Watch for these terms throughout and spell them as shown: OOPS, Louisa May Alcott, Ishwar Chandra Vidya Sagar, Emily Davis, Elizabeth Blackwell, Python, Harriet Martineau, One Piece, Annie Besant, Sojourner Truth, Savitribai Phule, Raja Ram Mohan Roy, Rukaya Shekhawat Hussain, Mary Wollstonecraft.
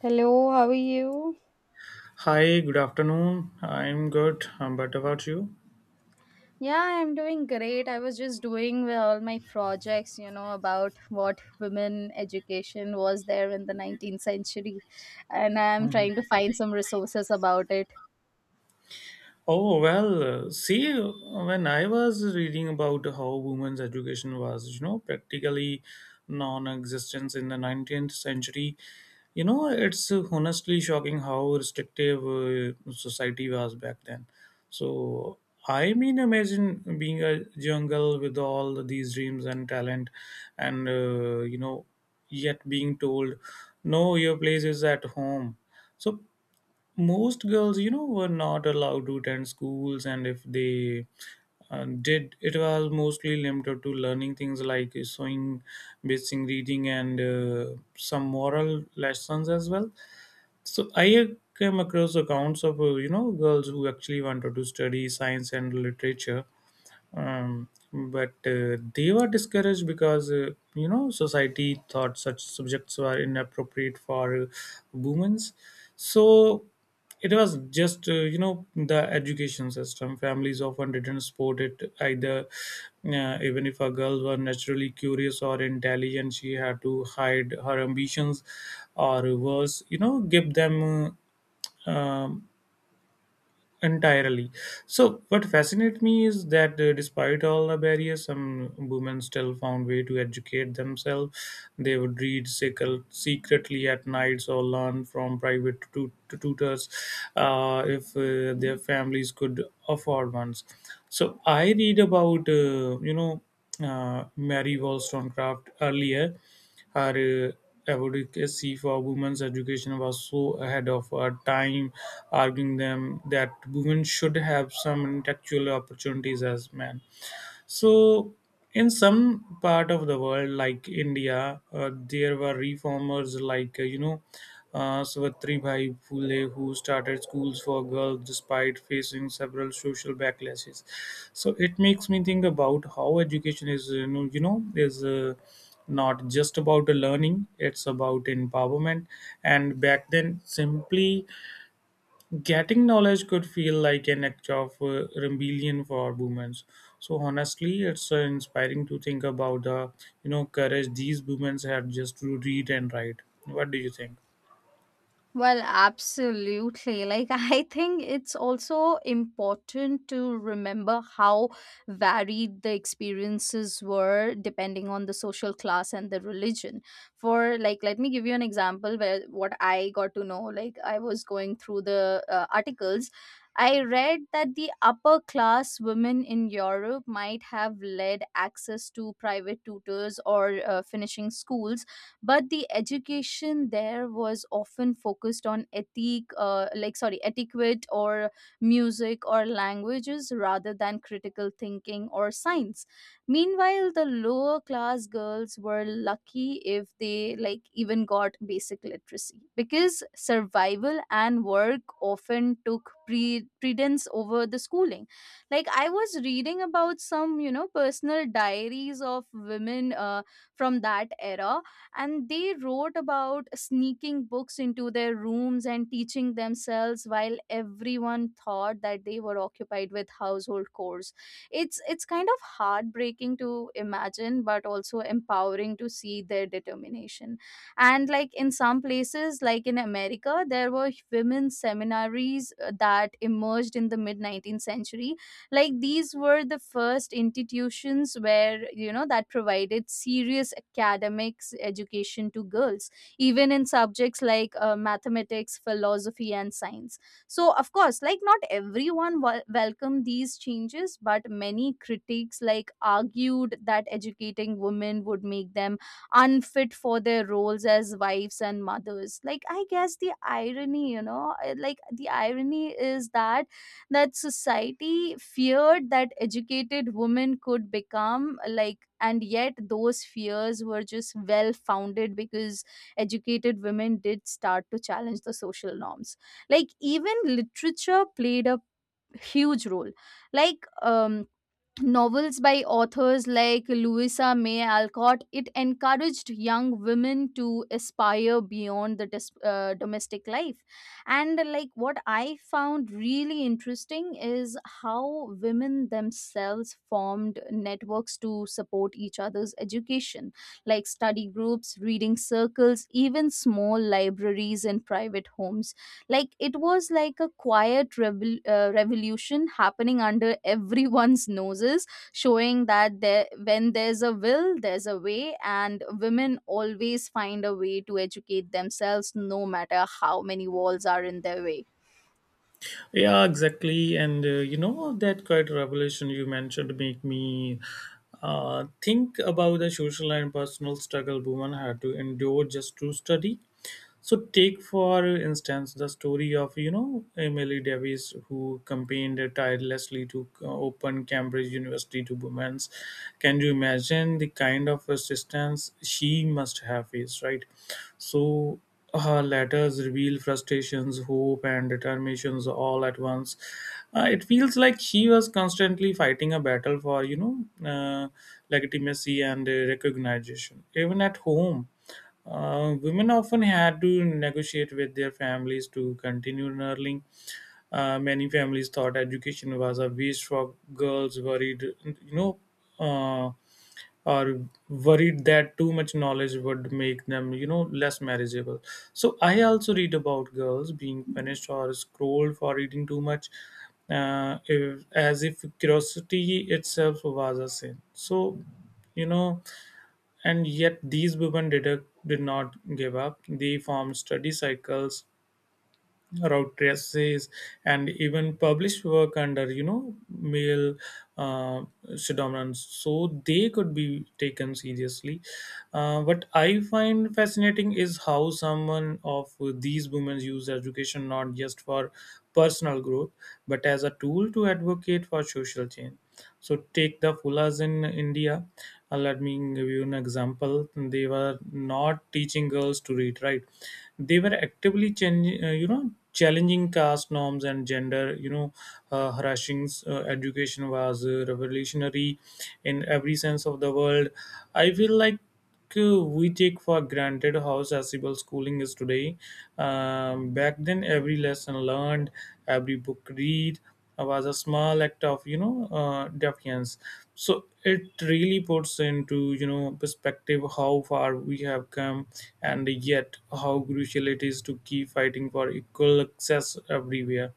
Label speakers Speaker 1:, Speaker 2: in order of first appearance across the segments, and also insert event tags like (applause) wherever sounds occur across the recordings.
Speaker 1: Hello, how are you?
Speaker 2: Hi, good afternoon. I'm good, but about you?
Speaker 1: Yeah, I'm doing great. I was just doing with all my projects, you know, about what women education was there in the 19th century, and I'm trying to
Speaker 2: Hi.
Speaker 1: find some resources about it.
Speaker 2: Oh, well, see, when I was reading about how women's education was, you know, practically non existence in the 19th century, you know, it's honestly shocking how restrictive society was back then. So, I mean, imagine being a young girl with all these dreams and talent, and, you know, yet being told, no, your place is at home. So most girls you know were not allowed to attend schools, and if they did, it was mostly limited to learning things like sewing, basic reading, and some moral lessons as well. So I came across accounts of you know, girls who actually wanted to study science and literature, but they were discouraged because you know, society thought such subjects were inappropriate for women. So it was just you know, the education system, families often didn't support it either. Even if a girl were naturally curious or intelligent, she had to hide her ambitions, or worse, you know, give them uh, um, entirely. So what fascinates me is that despite all the barriers, some women still found way to educate themselves. They would read secretly at nights, or learn from private tutors, if their families could afford ones. So I read about you know, Mary Wollstonecraft earlier. Her advocacy for women's education was so ahead of her time, arguing them that women should have some intellectual opportunities as men. So, in some part of the world, like India, there were reformers like, Savitribai Phule, who started schools for girls despite facing several social backlashes. So it makes me think about how education is, you know, is not just about learning; it's about empowerment. And back then, simply getting knowledge could feel like an act of rebellion for women. So honestly, it's inspiring to think about the you know courage these women had just to read and write. What do you think?
Speaker 1: Well, absolutely. Like, (laughs) I think it's also important to remember how varied the experiences were depending on the social class and the religion. For, like, let me give you an example where what I got to know. Like, I was going through the articles. I read that the upper class women in Europe might have led access to private tutors or finishing schools, but the education there was often focused on ethic, like, sorry, etiquette or music or languages rather than critical thinking or science. Meanwhile, the lower class girls were lucky if they like even got basic literacy because survival and work often took precedence over the schooling. Like, I was reading about some, you know, personal diaries of women from that era, and they wrote about sneaking books into their rooms and teaching themselves while everyone thought that they were occupied with household chores. It's kind of heartbreaking to imagine but also empowering to see their determination. And like in some places, like in America, there were women seminaries that emerged in the mid 19th century. Like, these were the first institutions where, you know, that provided serious academics education to girls, even in subjects like mathematics, philosophy, and science. So, of course, like not everyone welcomed these changes, but many critics like argued that educating women would make them unfit for their roles as wives and mothers. Like, I guess the irony, you know, like the irony is that society feared that educated women could become like, and yet those fears were just well founded because educated women did start to challenge the social norms. Like, even literature played a huge role. Like, novels by authors like Louisa May Alcott, it encouraged young women to aspire beyond the domestic life. And like what I found really interesting is how women themselves formed networks to support each other's education, like study groups, reading circles, even small libraries in private homes. Like, it was like a quiet revolution happening under (laughs) everyone's noses, showing that there, when there's a will, there's a way, and women always find a way to educate themselves no matter how many walls are in their way.
Speaker 2: Yeah, exactly. And you know, that quiet revelation you mentioned make me think about the social and personal struggle women had to endure just to study. So take, for instance, the story of you know Emily Davis, who campaigned tirelessly to open Cambridge University to women. Can you imagine the kind of resistance she must have faced, right? So her letters reveal frustrations, hope, and determinations all at once. It feels like she was constantly fighting a battle for you know legitimacy and recognition. Even at home, women often had to negotiate with their families to continue learning. Many families thought education was a waste for girls, worried, you know, uh, or worried that too much knowledge would make them, you know, less marriageable. So I also read about girls being punished or scolded for reading too much, if, as if curiosity itself was a sin. So, you know, and yet these women did, a, did not give up. They formed study cycles, wrote essays, and even published work under, you know, male uh, pseudonyms, so they could be taken seriously. What I find fascinating is how someone of these women used education not just for personal growth, but as a tool to advocate for social change. So take the fullahs in India. Let me give you an example. They were not teaching girls to read, right? They were actively changing, you know, challenging caste norms and gender. You know, Harashing's education was revolutionary in every sense of the world. I feel like we take for granted how accessible schooling is today. Back then, every lesson learned, every book read was a small act of you know defiance. So it really puts into you know perspective how far we have come, and yet how crucial it is to keep fighting for equal access everywhere.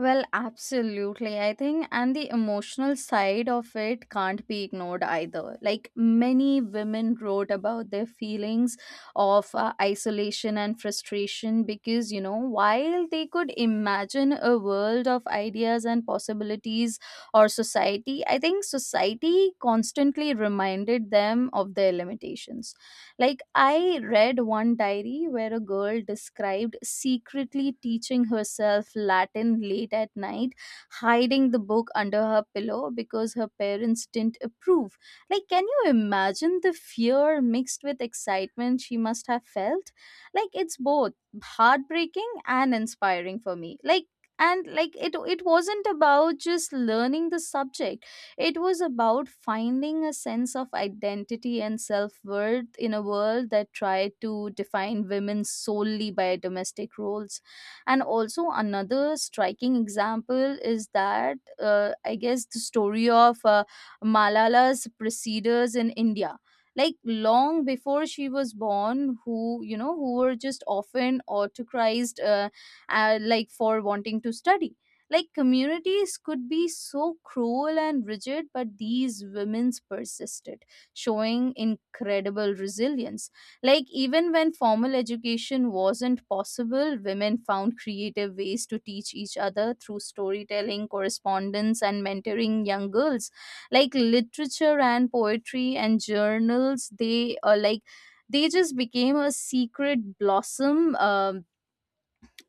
Speaker 1: Well, absolutely. I think, and the emotional side of it can't be ignored either. Like, many women wrote about their feelings of isolation and frustration because, you know, while they could imagine a world of ideas and possibilities or society, I think society constantly reminded them of their limitations. Like, I read one diary where a girl described secretly teaching herself Latin late at night, hiding the book under her pillow because her parents didn't approve. Like, can you imagine the fear mixed with excitement she must have felt? Like, it's both heartbreaking and inspiring for me. Like, and like it wasn't about just learning the subject. It was about finding a sense of identity and self worth in a world that tried to define women solely by domestic roles. And also, another striking example is that, I guess the story of Malala's preceders in India. Like long before she was born, who, you know, who were just often autocratized, like, for wanting to study. Like communities could be so cruel and rigid, but these women's persisted, showing incredible resilience. Like, even when formal education wasn't possible, women found creative ways to teach each other through storytelling, correspondence, and mentoring young girls. Like literature and poetry and journals, they are like they just became a secret blossom,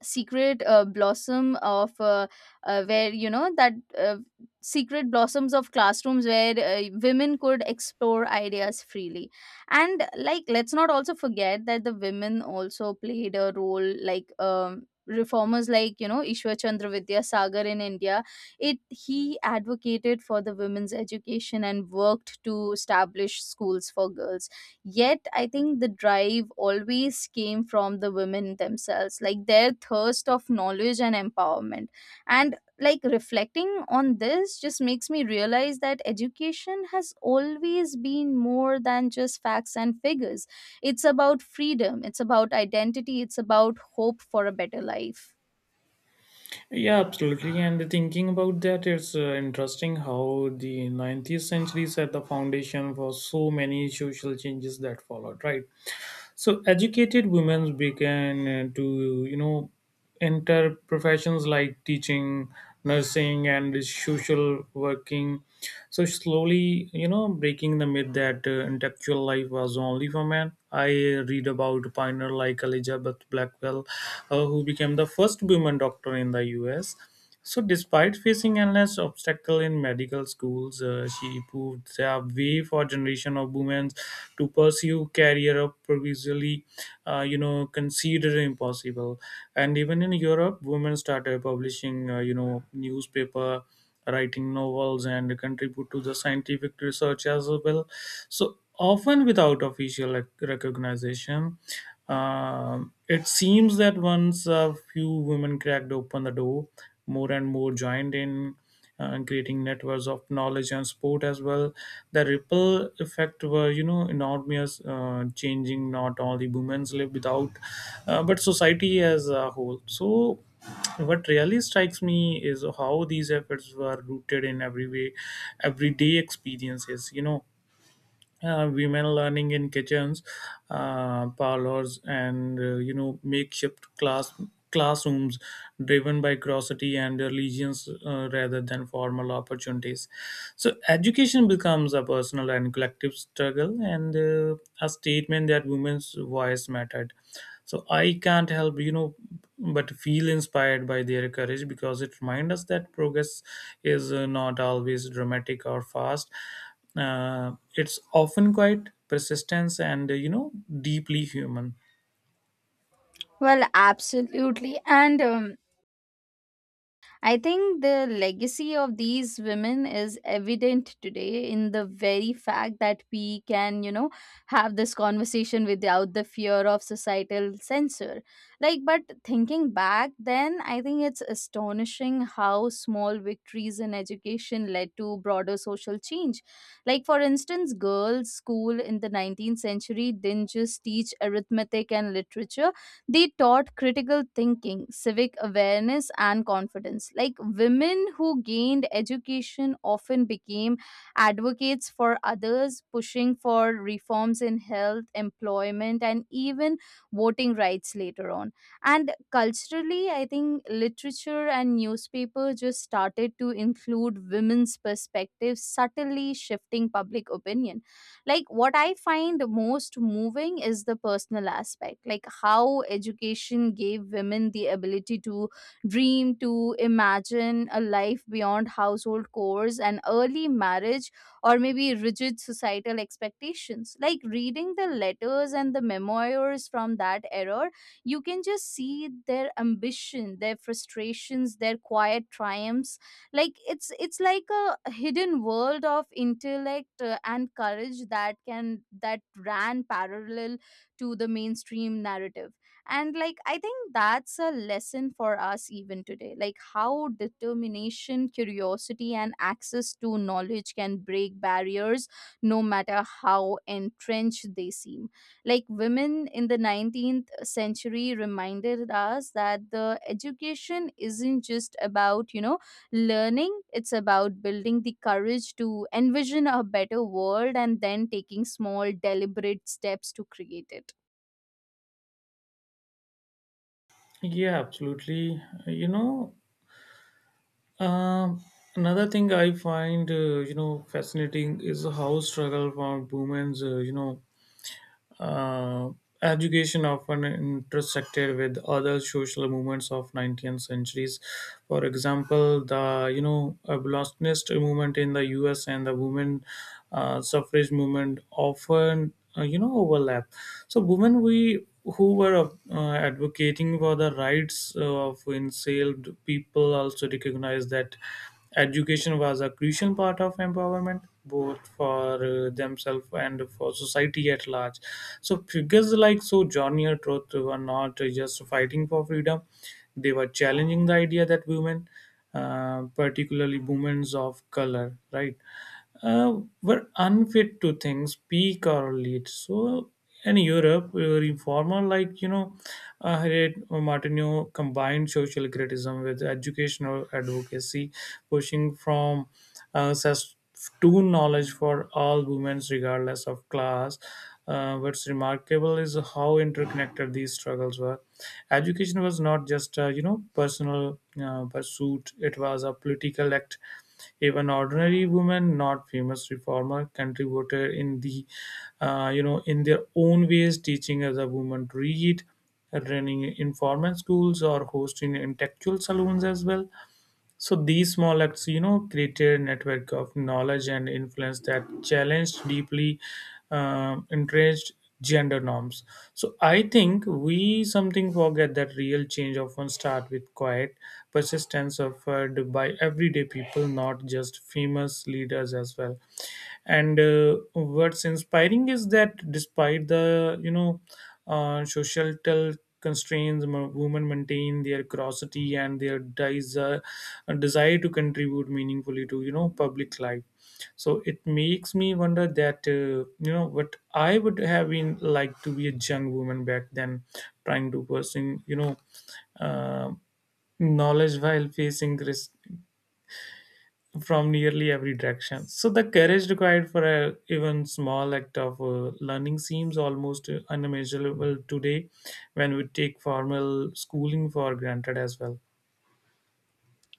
Speaker 1: secret blossom of where you know that secret blossoms of classrooms where women could explore ideas freely. And like, let's not also forget that the women also played a role, like, reformers like, you know, ishwar chandra vidya sagar in india. It he advocated for the women's education and worked to establish schools for girls. Yet, I think the drive always came from the women themselves, like their thirst of knowledge and empowerment. And like, reflecting on this just makes me realize that education has always been more than just facts and figures. It's about freedom, it's about identity, it's about hope for a better life.
Speaker 2: Yeah, absolutely. And thinking about that, it's interesting how the 19th century set the foundation for so many social changes that followed, right? So, educated women began to, you know, enter professions like teaching, nursing, and social working, so slowly you know breaking the myth that intellectual life was only for men. I read about pioneer like Elizabeth Blackwell, who became the first woman doctor in the US. So despite facing endless obstacle in medical schools, she proved a way for generation of women to pursue career of previously you know considered impossible. And even in Europe, women started publishing you know newspaper, writing novels, and contribute to the scientific research as well, so often without official recognition. It seems that once a few women cracked open the door, more and more joined in, creating networks of knowledge and sport as well. The ripple effect were, you know, enormous, changing not only women's life without, but society as a whole. So, what really strikes me is how these efforts were rooted in everyday experiences. You know, women learning in kitchens, parlors, and you know makeshift classrooms, driven by grossity and allegiance, rather than formal opportunities. So education becomes a personal and collective struggle, and a statement that women's voice mattered. So I can't help you know but feel inspired by their courage, because it reminds us that progress is not always dramatic or fast. It's often quite persistence, and you know, deeply human.
Speaker 1: Well, absolutely. And I think the legacy of these women is evident today in the very fact that we can, you know, have this conversation without the fear of societal censor. Like, but thinking back then, I think it's astonishing how small victories in education led to broader social change. Like, for instance, girls' school in the 19th century didn't just teach arithmetic and literature, they taught critical thinking, civic awareness, and confidence. Like, women who gained education often became advocates for others, pushing for reforms in health, employment, and even voting rights later on. And culturally, I think literature and newspaper just started to include women's perspectives, subtly shifting public opinion. Like what I find most moving is the personal aspect, like how education gave women the ability to dream, to imagine a life beyond household chores and early marriage, or maybe rigid societal expectations. Like reading the letters and the memoirs from that era, you can just see their ambition, their frustrations, their quiet triumphs. Like it's like a hidden world of intellect and courage that can that ran parallel to the mainstream narrative. And like, I think that's a lesson for us even today, like how determination, curiosity, and access to knowledge can break barriers no matter how entrenched they seem. Like women in the 19th century reminded us that the education isn't just about, you know, learning, it's about building the courage to envision a better world and then taking small, deliberate steps to create it.
Speaker 2: Yeah, absolutely. You know, um another thing I find you know fascinating is how struggle for women's you know Uh, education often intersected with other social movements of 19th centuries. For example, the you know abolitionist movement in the U.S. and the women suffrage movement often you know overlap. So women we who were advocating for the rights of enslaved people also recognize that education was a crucial part of empowerment, both for themselves and for society at large. So figures like Sojourner Truth were not just fighting for freedom; they were challenging the idea that women, particularly women of color, right, were unfit to think, speak, or lead. So in Europe, reformer like you know, Harriet Martineau combined social criticism with educational advocacy, pushing from access to knowledge for all women, regardless of class. What's remarkable is how interconnected these struggles were. Education was not just a you know personal pursuit; it was a political act. Even ordinary women, not famous reformer, contributed in the, you know, in their own ways, teaching other women to read, running informal schools, or hosting intellectual saloons as well. So these small acts, you know, created a network of knowledge and influence that challenged deeply entrenched gender norms. So I think we something forget that real change often start with quiet persistence offered by everyday people, not just famous leaders as well. And what's inspiring is that despite the you know societal constraints, women maintain their curiosity and their desire to contribute meaningfully to you know public life. So it makes me wonder that you know, what I would have been like to be a young woman back then, trying to pursue you know uh, knowledge while facing risk from nearly every direction. So the courage required for a even small act of learning seems almost unimaginable today, when we take formal schooling for granted as well.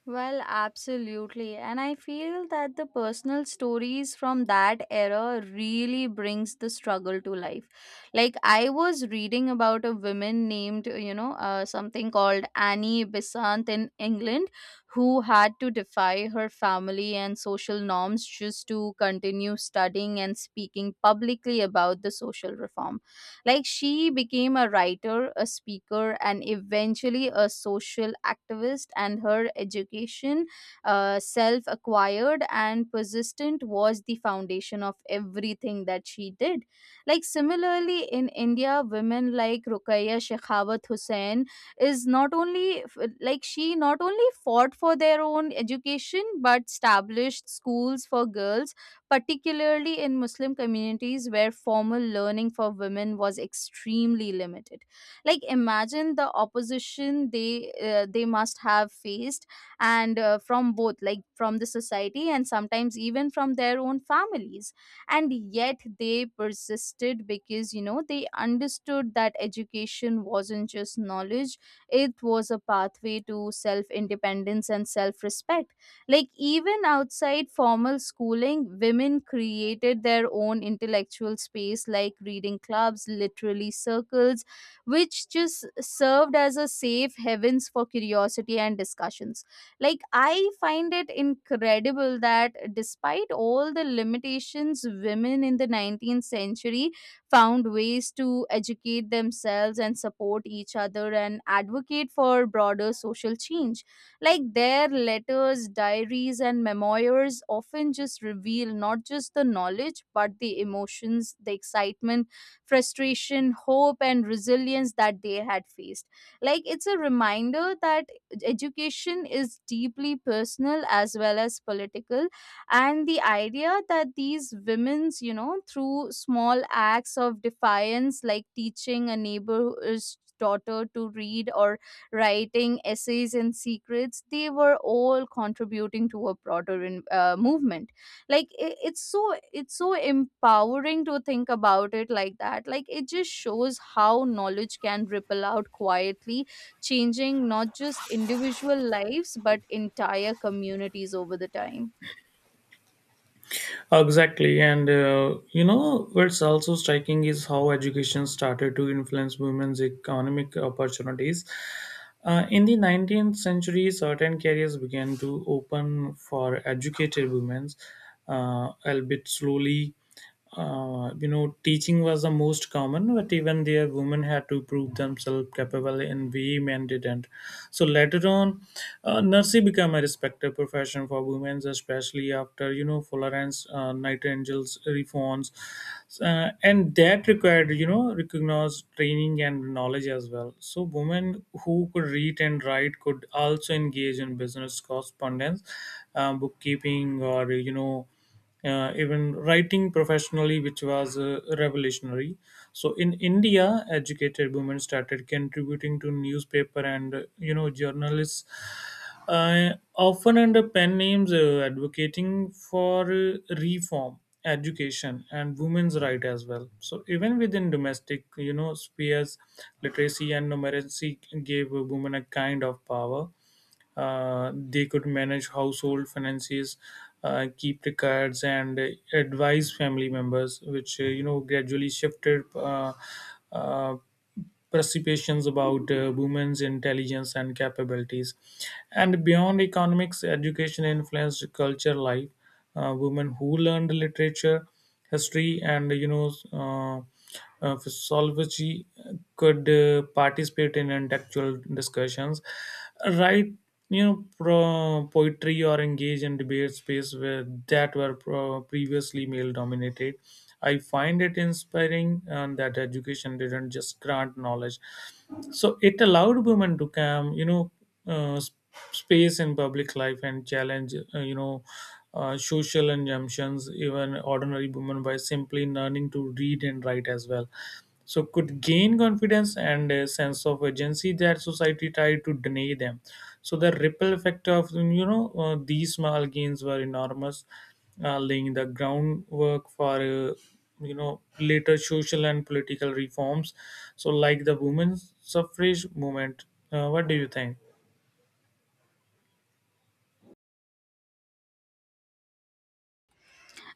Speaker 1: Well, absolutely. And I feel that the personal stories from that era really brings the struggle to life. Like I was reading about a woman named, you know, something called Annie Besant in England, who had to defy her family and social norms just to continue studying and speaking publicly about the social reform. Like, she became a writer, a speaker, and eventually a social activist, and her education, self acquired and persistent, was the foundation of everything that she did. Like similarly in India, women like Rukaya Shekhawat Hussain is not only like she not only fought for their own education but established schools for girls, particularly in Muslim communities where formal learning for women was extremely limited. Like, imagine the opposition they must have faced, and from both, like from the society and sometimes even from their own families. And yet they persisted because, you know, they understood that education wasn't just knowledge, it was a pathway to self independence and self respect. Like, even outside formal schooling, women created their own intellectual space, like reading clubs, literary circles, which just served as a safe heavens for curiosity and discussions. Like, I find it incredible that despite all the limitations, women in the 19th century found ways to educate themselves and support each other and advocate for broader social change. Like their letters, diaries, and memoirs often just reveal not just the knowledge, but the emotions, the excitement, frustration, hope, and resilience that they had faced. Like, it's a reminder that education is deeply personal as well as political. And the idea that these women's, you know, through small acts of defiance, like teaching a neighbor's daughter to read or writing essays and secrets, they were all contributing to a broader movement. Like it's so empowering to think about it like that. Like, it just shows how knowledge can ripple out quietly, changing not just individual lives but entire communities over the time.
Speaker 2: Exactly, and you know, what's also striking is how education started to influence women's economic opportunities. In the 19th century, certain careers began to open for educated women, albeit slowly. You know, teaching was the most common, but even there, women had to prove themselves capable, and we men didn't. So later on, nursery became a respected profession for women, especially after you know Florence Nightingale's reforms, and that required you know recognized training and knowledge as well. So women who could read and write could also engage in business correspondence, bookkeeping, or you know even writing professionally, which was revolutionary. So in India, educated women started contributing to newspaper and you know journalists, often under pen names, advocating for reform, education, and women's right as well. So even within domestic you know spheres, literacy and numeracy gave women a kind of power. They could manage household finances, keep records, and advise family members, which you know gradually shifted uh, perceptions about women's intelligence and capabilities. And beyond economics, education influenced culture life. Women who learned literature, history, and you know. Uh, physiology could participate in intellectual discussions, write poetry or engage in debate space where that were previously male dominated. I find it inspiring that education didn't just grant knowledge; so it allowed women to come uh, s- space in public life and challenge social injunctions even ordinary women by simply learning to read and write as well so could gain confidence and a sense of agency that society tried to deny them. So the ripple effect of these small gains were enormous, laying the groundwork for you know later social and political reforms, so like the women's suffrage movement. What do you think?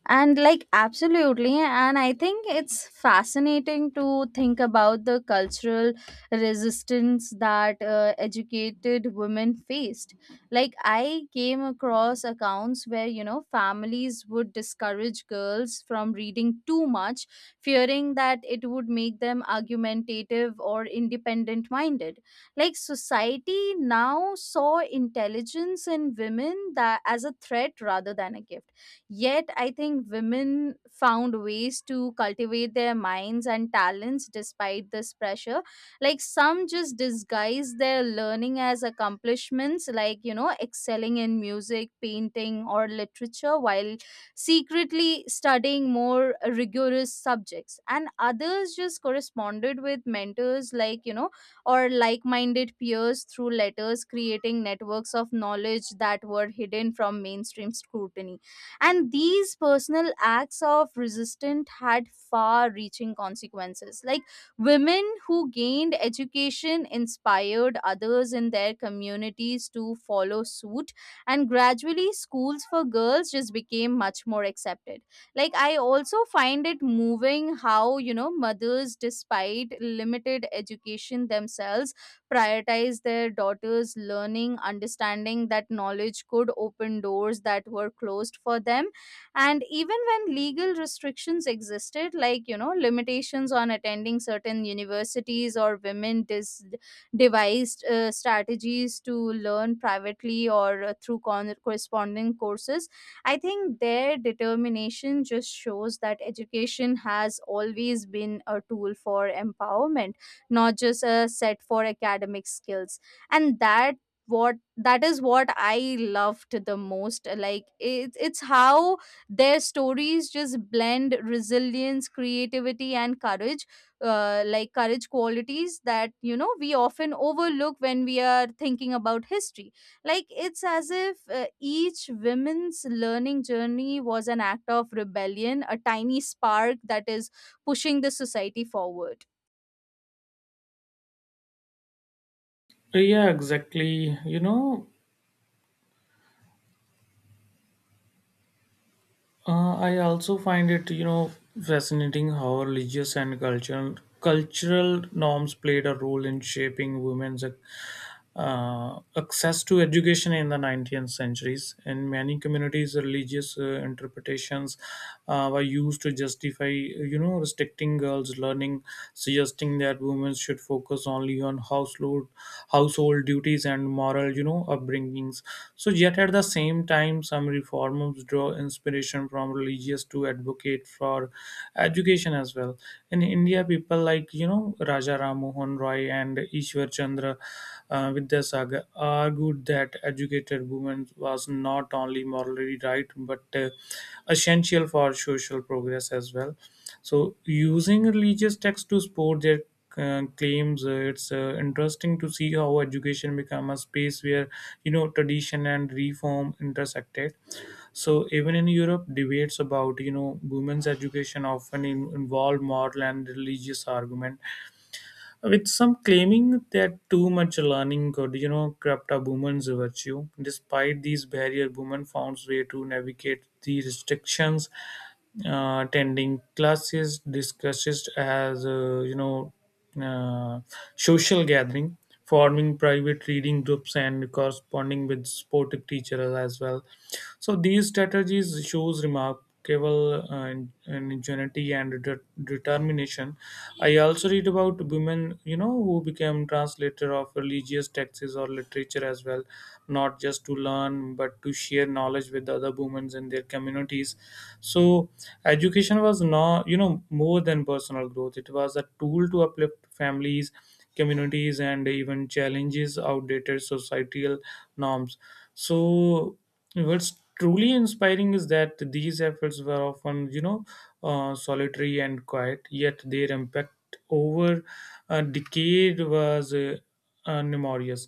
Speaker 1: And like absolutely, and I think it's fascinating to think about the cultural resistance that educated women faced. Like, I came across accounts where, you know, families would discourage girls from reading too much, fearing that it would make them argumentative or independent minded. Like society now saw intelligence in women that as a threat rather than a gift. Yet, I think women found ways to cultivate their minds and talents despite this pressure. Like, some just disguise their learning as accomplishments, like, you know, excelling in music, painting, or literature, while secretly studying more rigorous subjects. And others just corresponded with mentors, like, you know, or like minded peers through letters, creating networks of knowledge that were hidden from mainstream scrutiny. And these personal acts of resistance had far reaching consequences. Like women who gained education inspired others in their communities to follow suit, and gradually schools for girls just became much more accepted. Like, I also find it moving how, you know, mothers, despite limited education themselves, prioritize their daughters' learning, understanding that knowledge could open doors that were closed for them. And even when legal restrictions existed, like, you know, limitations on attending certain universities or women devised strategies to learn privately or through corresponding courses, I think their determination just shows that education has always been a tool for empowerment, not just a set for academic skills. And that, what that is what I loved the most. Like it's how their stories just blend resilience, creativity, and courage, like courage qualities that, you know, we often overlook when we are thinking about history. Like it's as if each women's learning journey was an act of rebellion, a tiny spark that is pushing the society forward.
Speaker 2: Yeah, exactly, you know. I also find it, you know, fascinating how religious and cultural norms played a role in shaping women's access to education. In the 19th centuries, in many communities, religious interpretations were used to justify, you know, restricting girls learning, suggesting that women should focus only on household duties and moral, you know, upbringings. So yet at the same time, some reformers draw inspiration from religious to advocate for education as well. In India, people like, you know, Raja Ram Mohan Roy and Ishwar Chandra Vidyasagar argued that educated women was not only morally right but essential for social progress as well. So, using religious texts to support their claims, it's interesting to see how education become a space where, you know, tradition and reform intersected. So even in Europe, debates about, you know, women's education often involve moral and religious argument, with some claiming that too much learning could, you know, corrupt a woman's virtue. Despite these barriers, women found way to navigate the restrictions, attending classes, discussions as, you know, uh, social gathering, forming private reading groups and corresponding with supportive teachers as well. So these strategies shows remarkable ingenuity and determination. I also read about women, you know, who became translator of religious texts or literature as well, not just to learn but to share knowledge with other women in their communities. So education was not, you know, more than personal growth, it was a tool to uplift families, communities, and even challenges outdated societal norms. So what's truly inspiring is that these efforts were often, you know, solitary and quiet, yet their impact over a decade was numerous.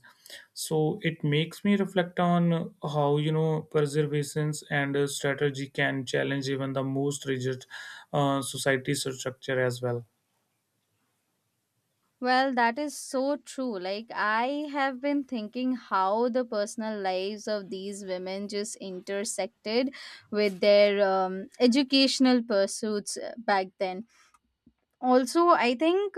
Speaker 2: So it makes me reflect on how, you know, preservations and strategy can challenge even the most rigid society structure as well.
Speaker 1: Well, that is so true. Like, I have been thinking how the personal lives of these women just intersected with their educational pursuits back then. Also, I think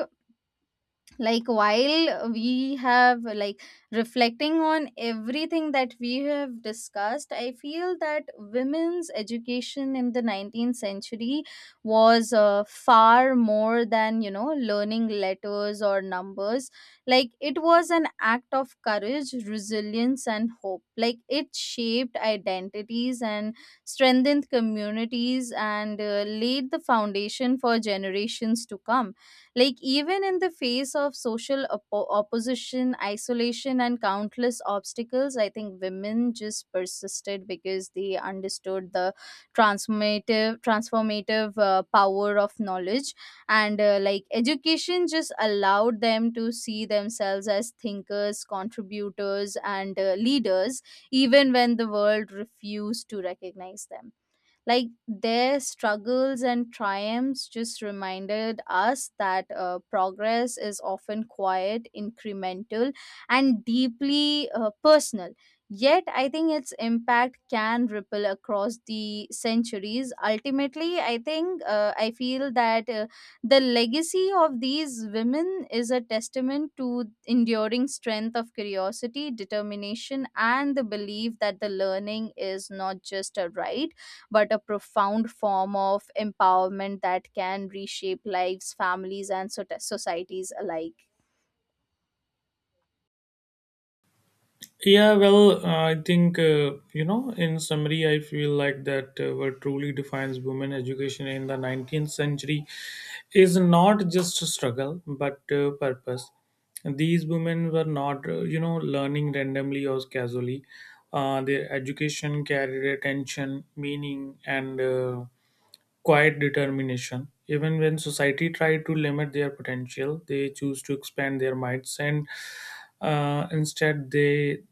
Speaker 1: like while we have like reflecting on everything that we have discussed, I feel that women's education in the 19th century was far more than, you know, learning letters or numbers. Like, it was an act of courage, resilience, and hope. Like, it shaped identities and strengthened communities and laid the foundation for generations to come. Like, even in the face of social opposition, isolation, and countless obstacles, I think women just persisted because they understood the transformative power of knowledge. And like, education just allowed them to see themselves as thinkers, contributors, and leaders, even when the world refused to recognize them. Like their struggles and triumphs just reminded us that progress is often quiet, incremental, and deeply personal. Yet I think its impact can ripple across the centuries. Ultimately, I think, I feel that the legacy of these women is a testament to enduring strength of curiosity, determination, and the belief that the learning is not just a right, but a profound form of empowerment that can reshape lives, families, and societies alike.
Speaker 2: Yeah, well, I think, you know, in summary, I feel like that what truly defines women education in the 19th century is not just a struggle, but purpose. These women were not, you know, learning randomly or casually. Their education carried attention, meaning, and quiet determination. Even when society tried to limit their potential, they choose to expand their minds, and instead, they,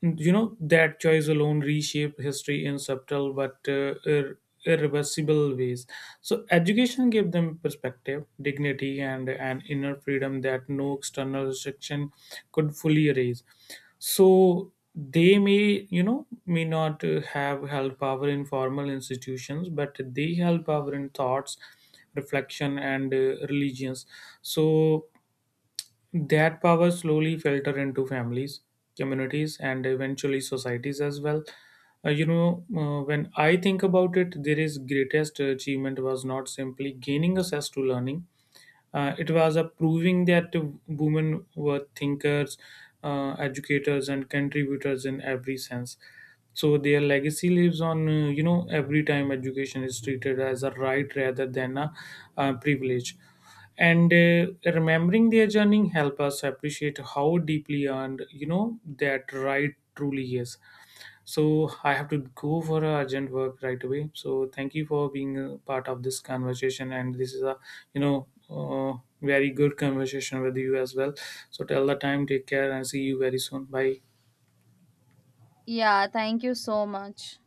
Speaker 2: you know, that choice alone reshaped history in subtle but irreversible ways. So, education gave them perspective, dignity, and an inner freedom that no external restriction could fully erase. So they may, you know, may not have held power in formal institutions, but they held power in thoughts, reflection, and religions. So that power slowly filtered into families, communities, and eventually societies as well. When I think about it, there is greatest achievement was not simply gaining access to learning, it was a proving that women were thinkers, educators, and contributors in every sense. So their legacy lives on, you know, every time education is treated as a right rather than a privilege. And remembering their journey help us appreciate how deeply earned, you know, that right truly is. So I have to go for a urgent work right away. So thank you for being a part of this conversation, and this is a you know uh, very good conversation with you as well. So till the time, take care and see you very soon. Bye.
Speaker 1: Yeah, thank you so much.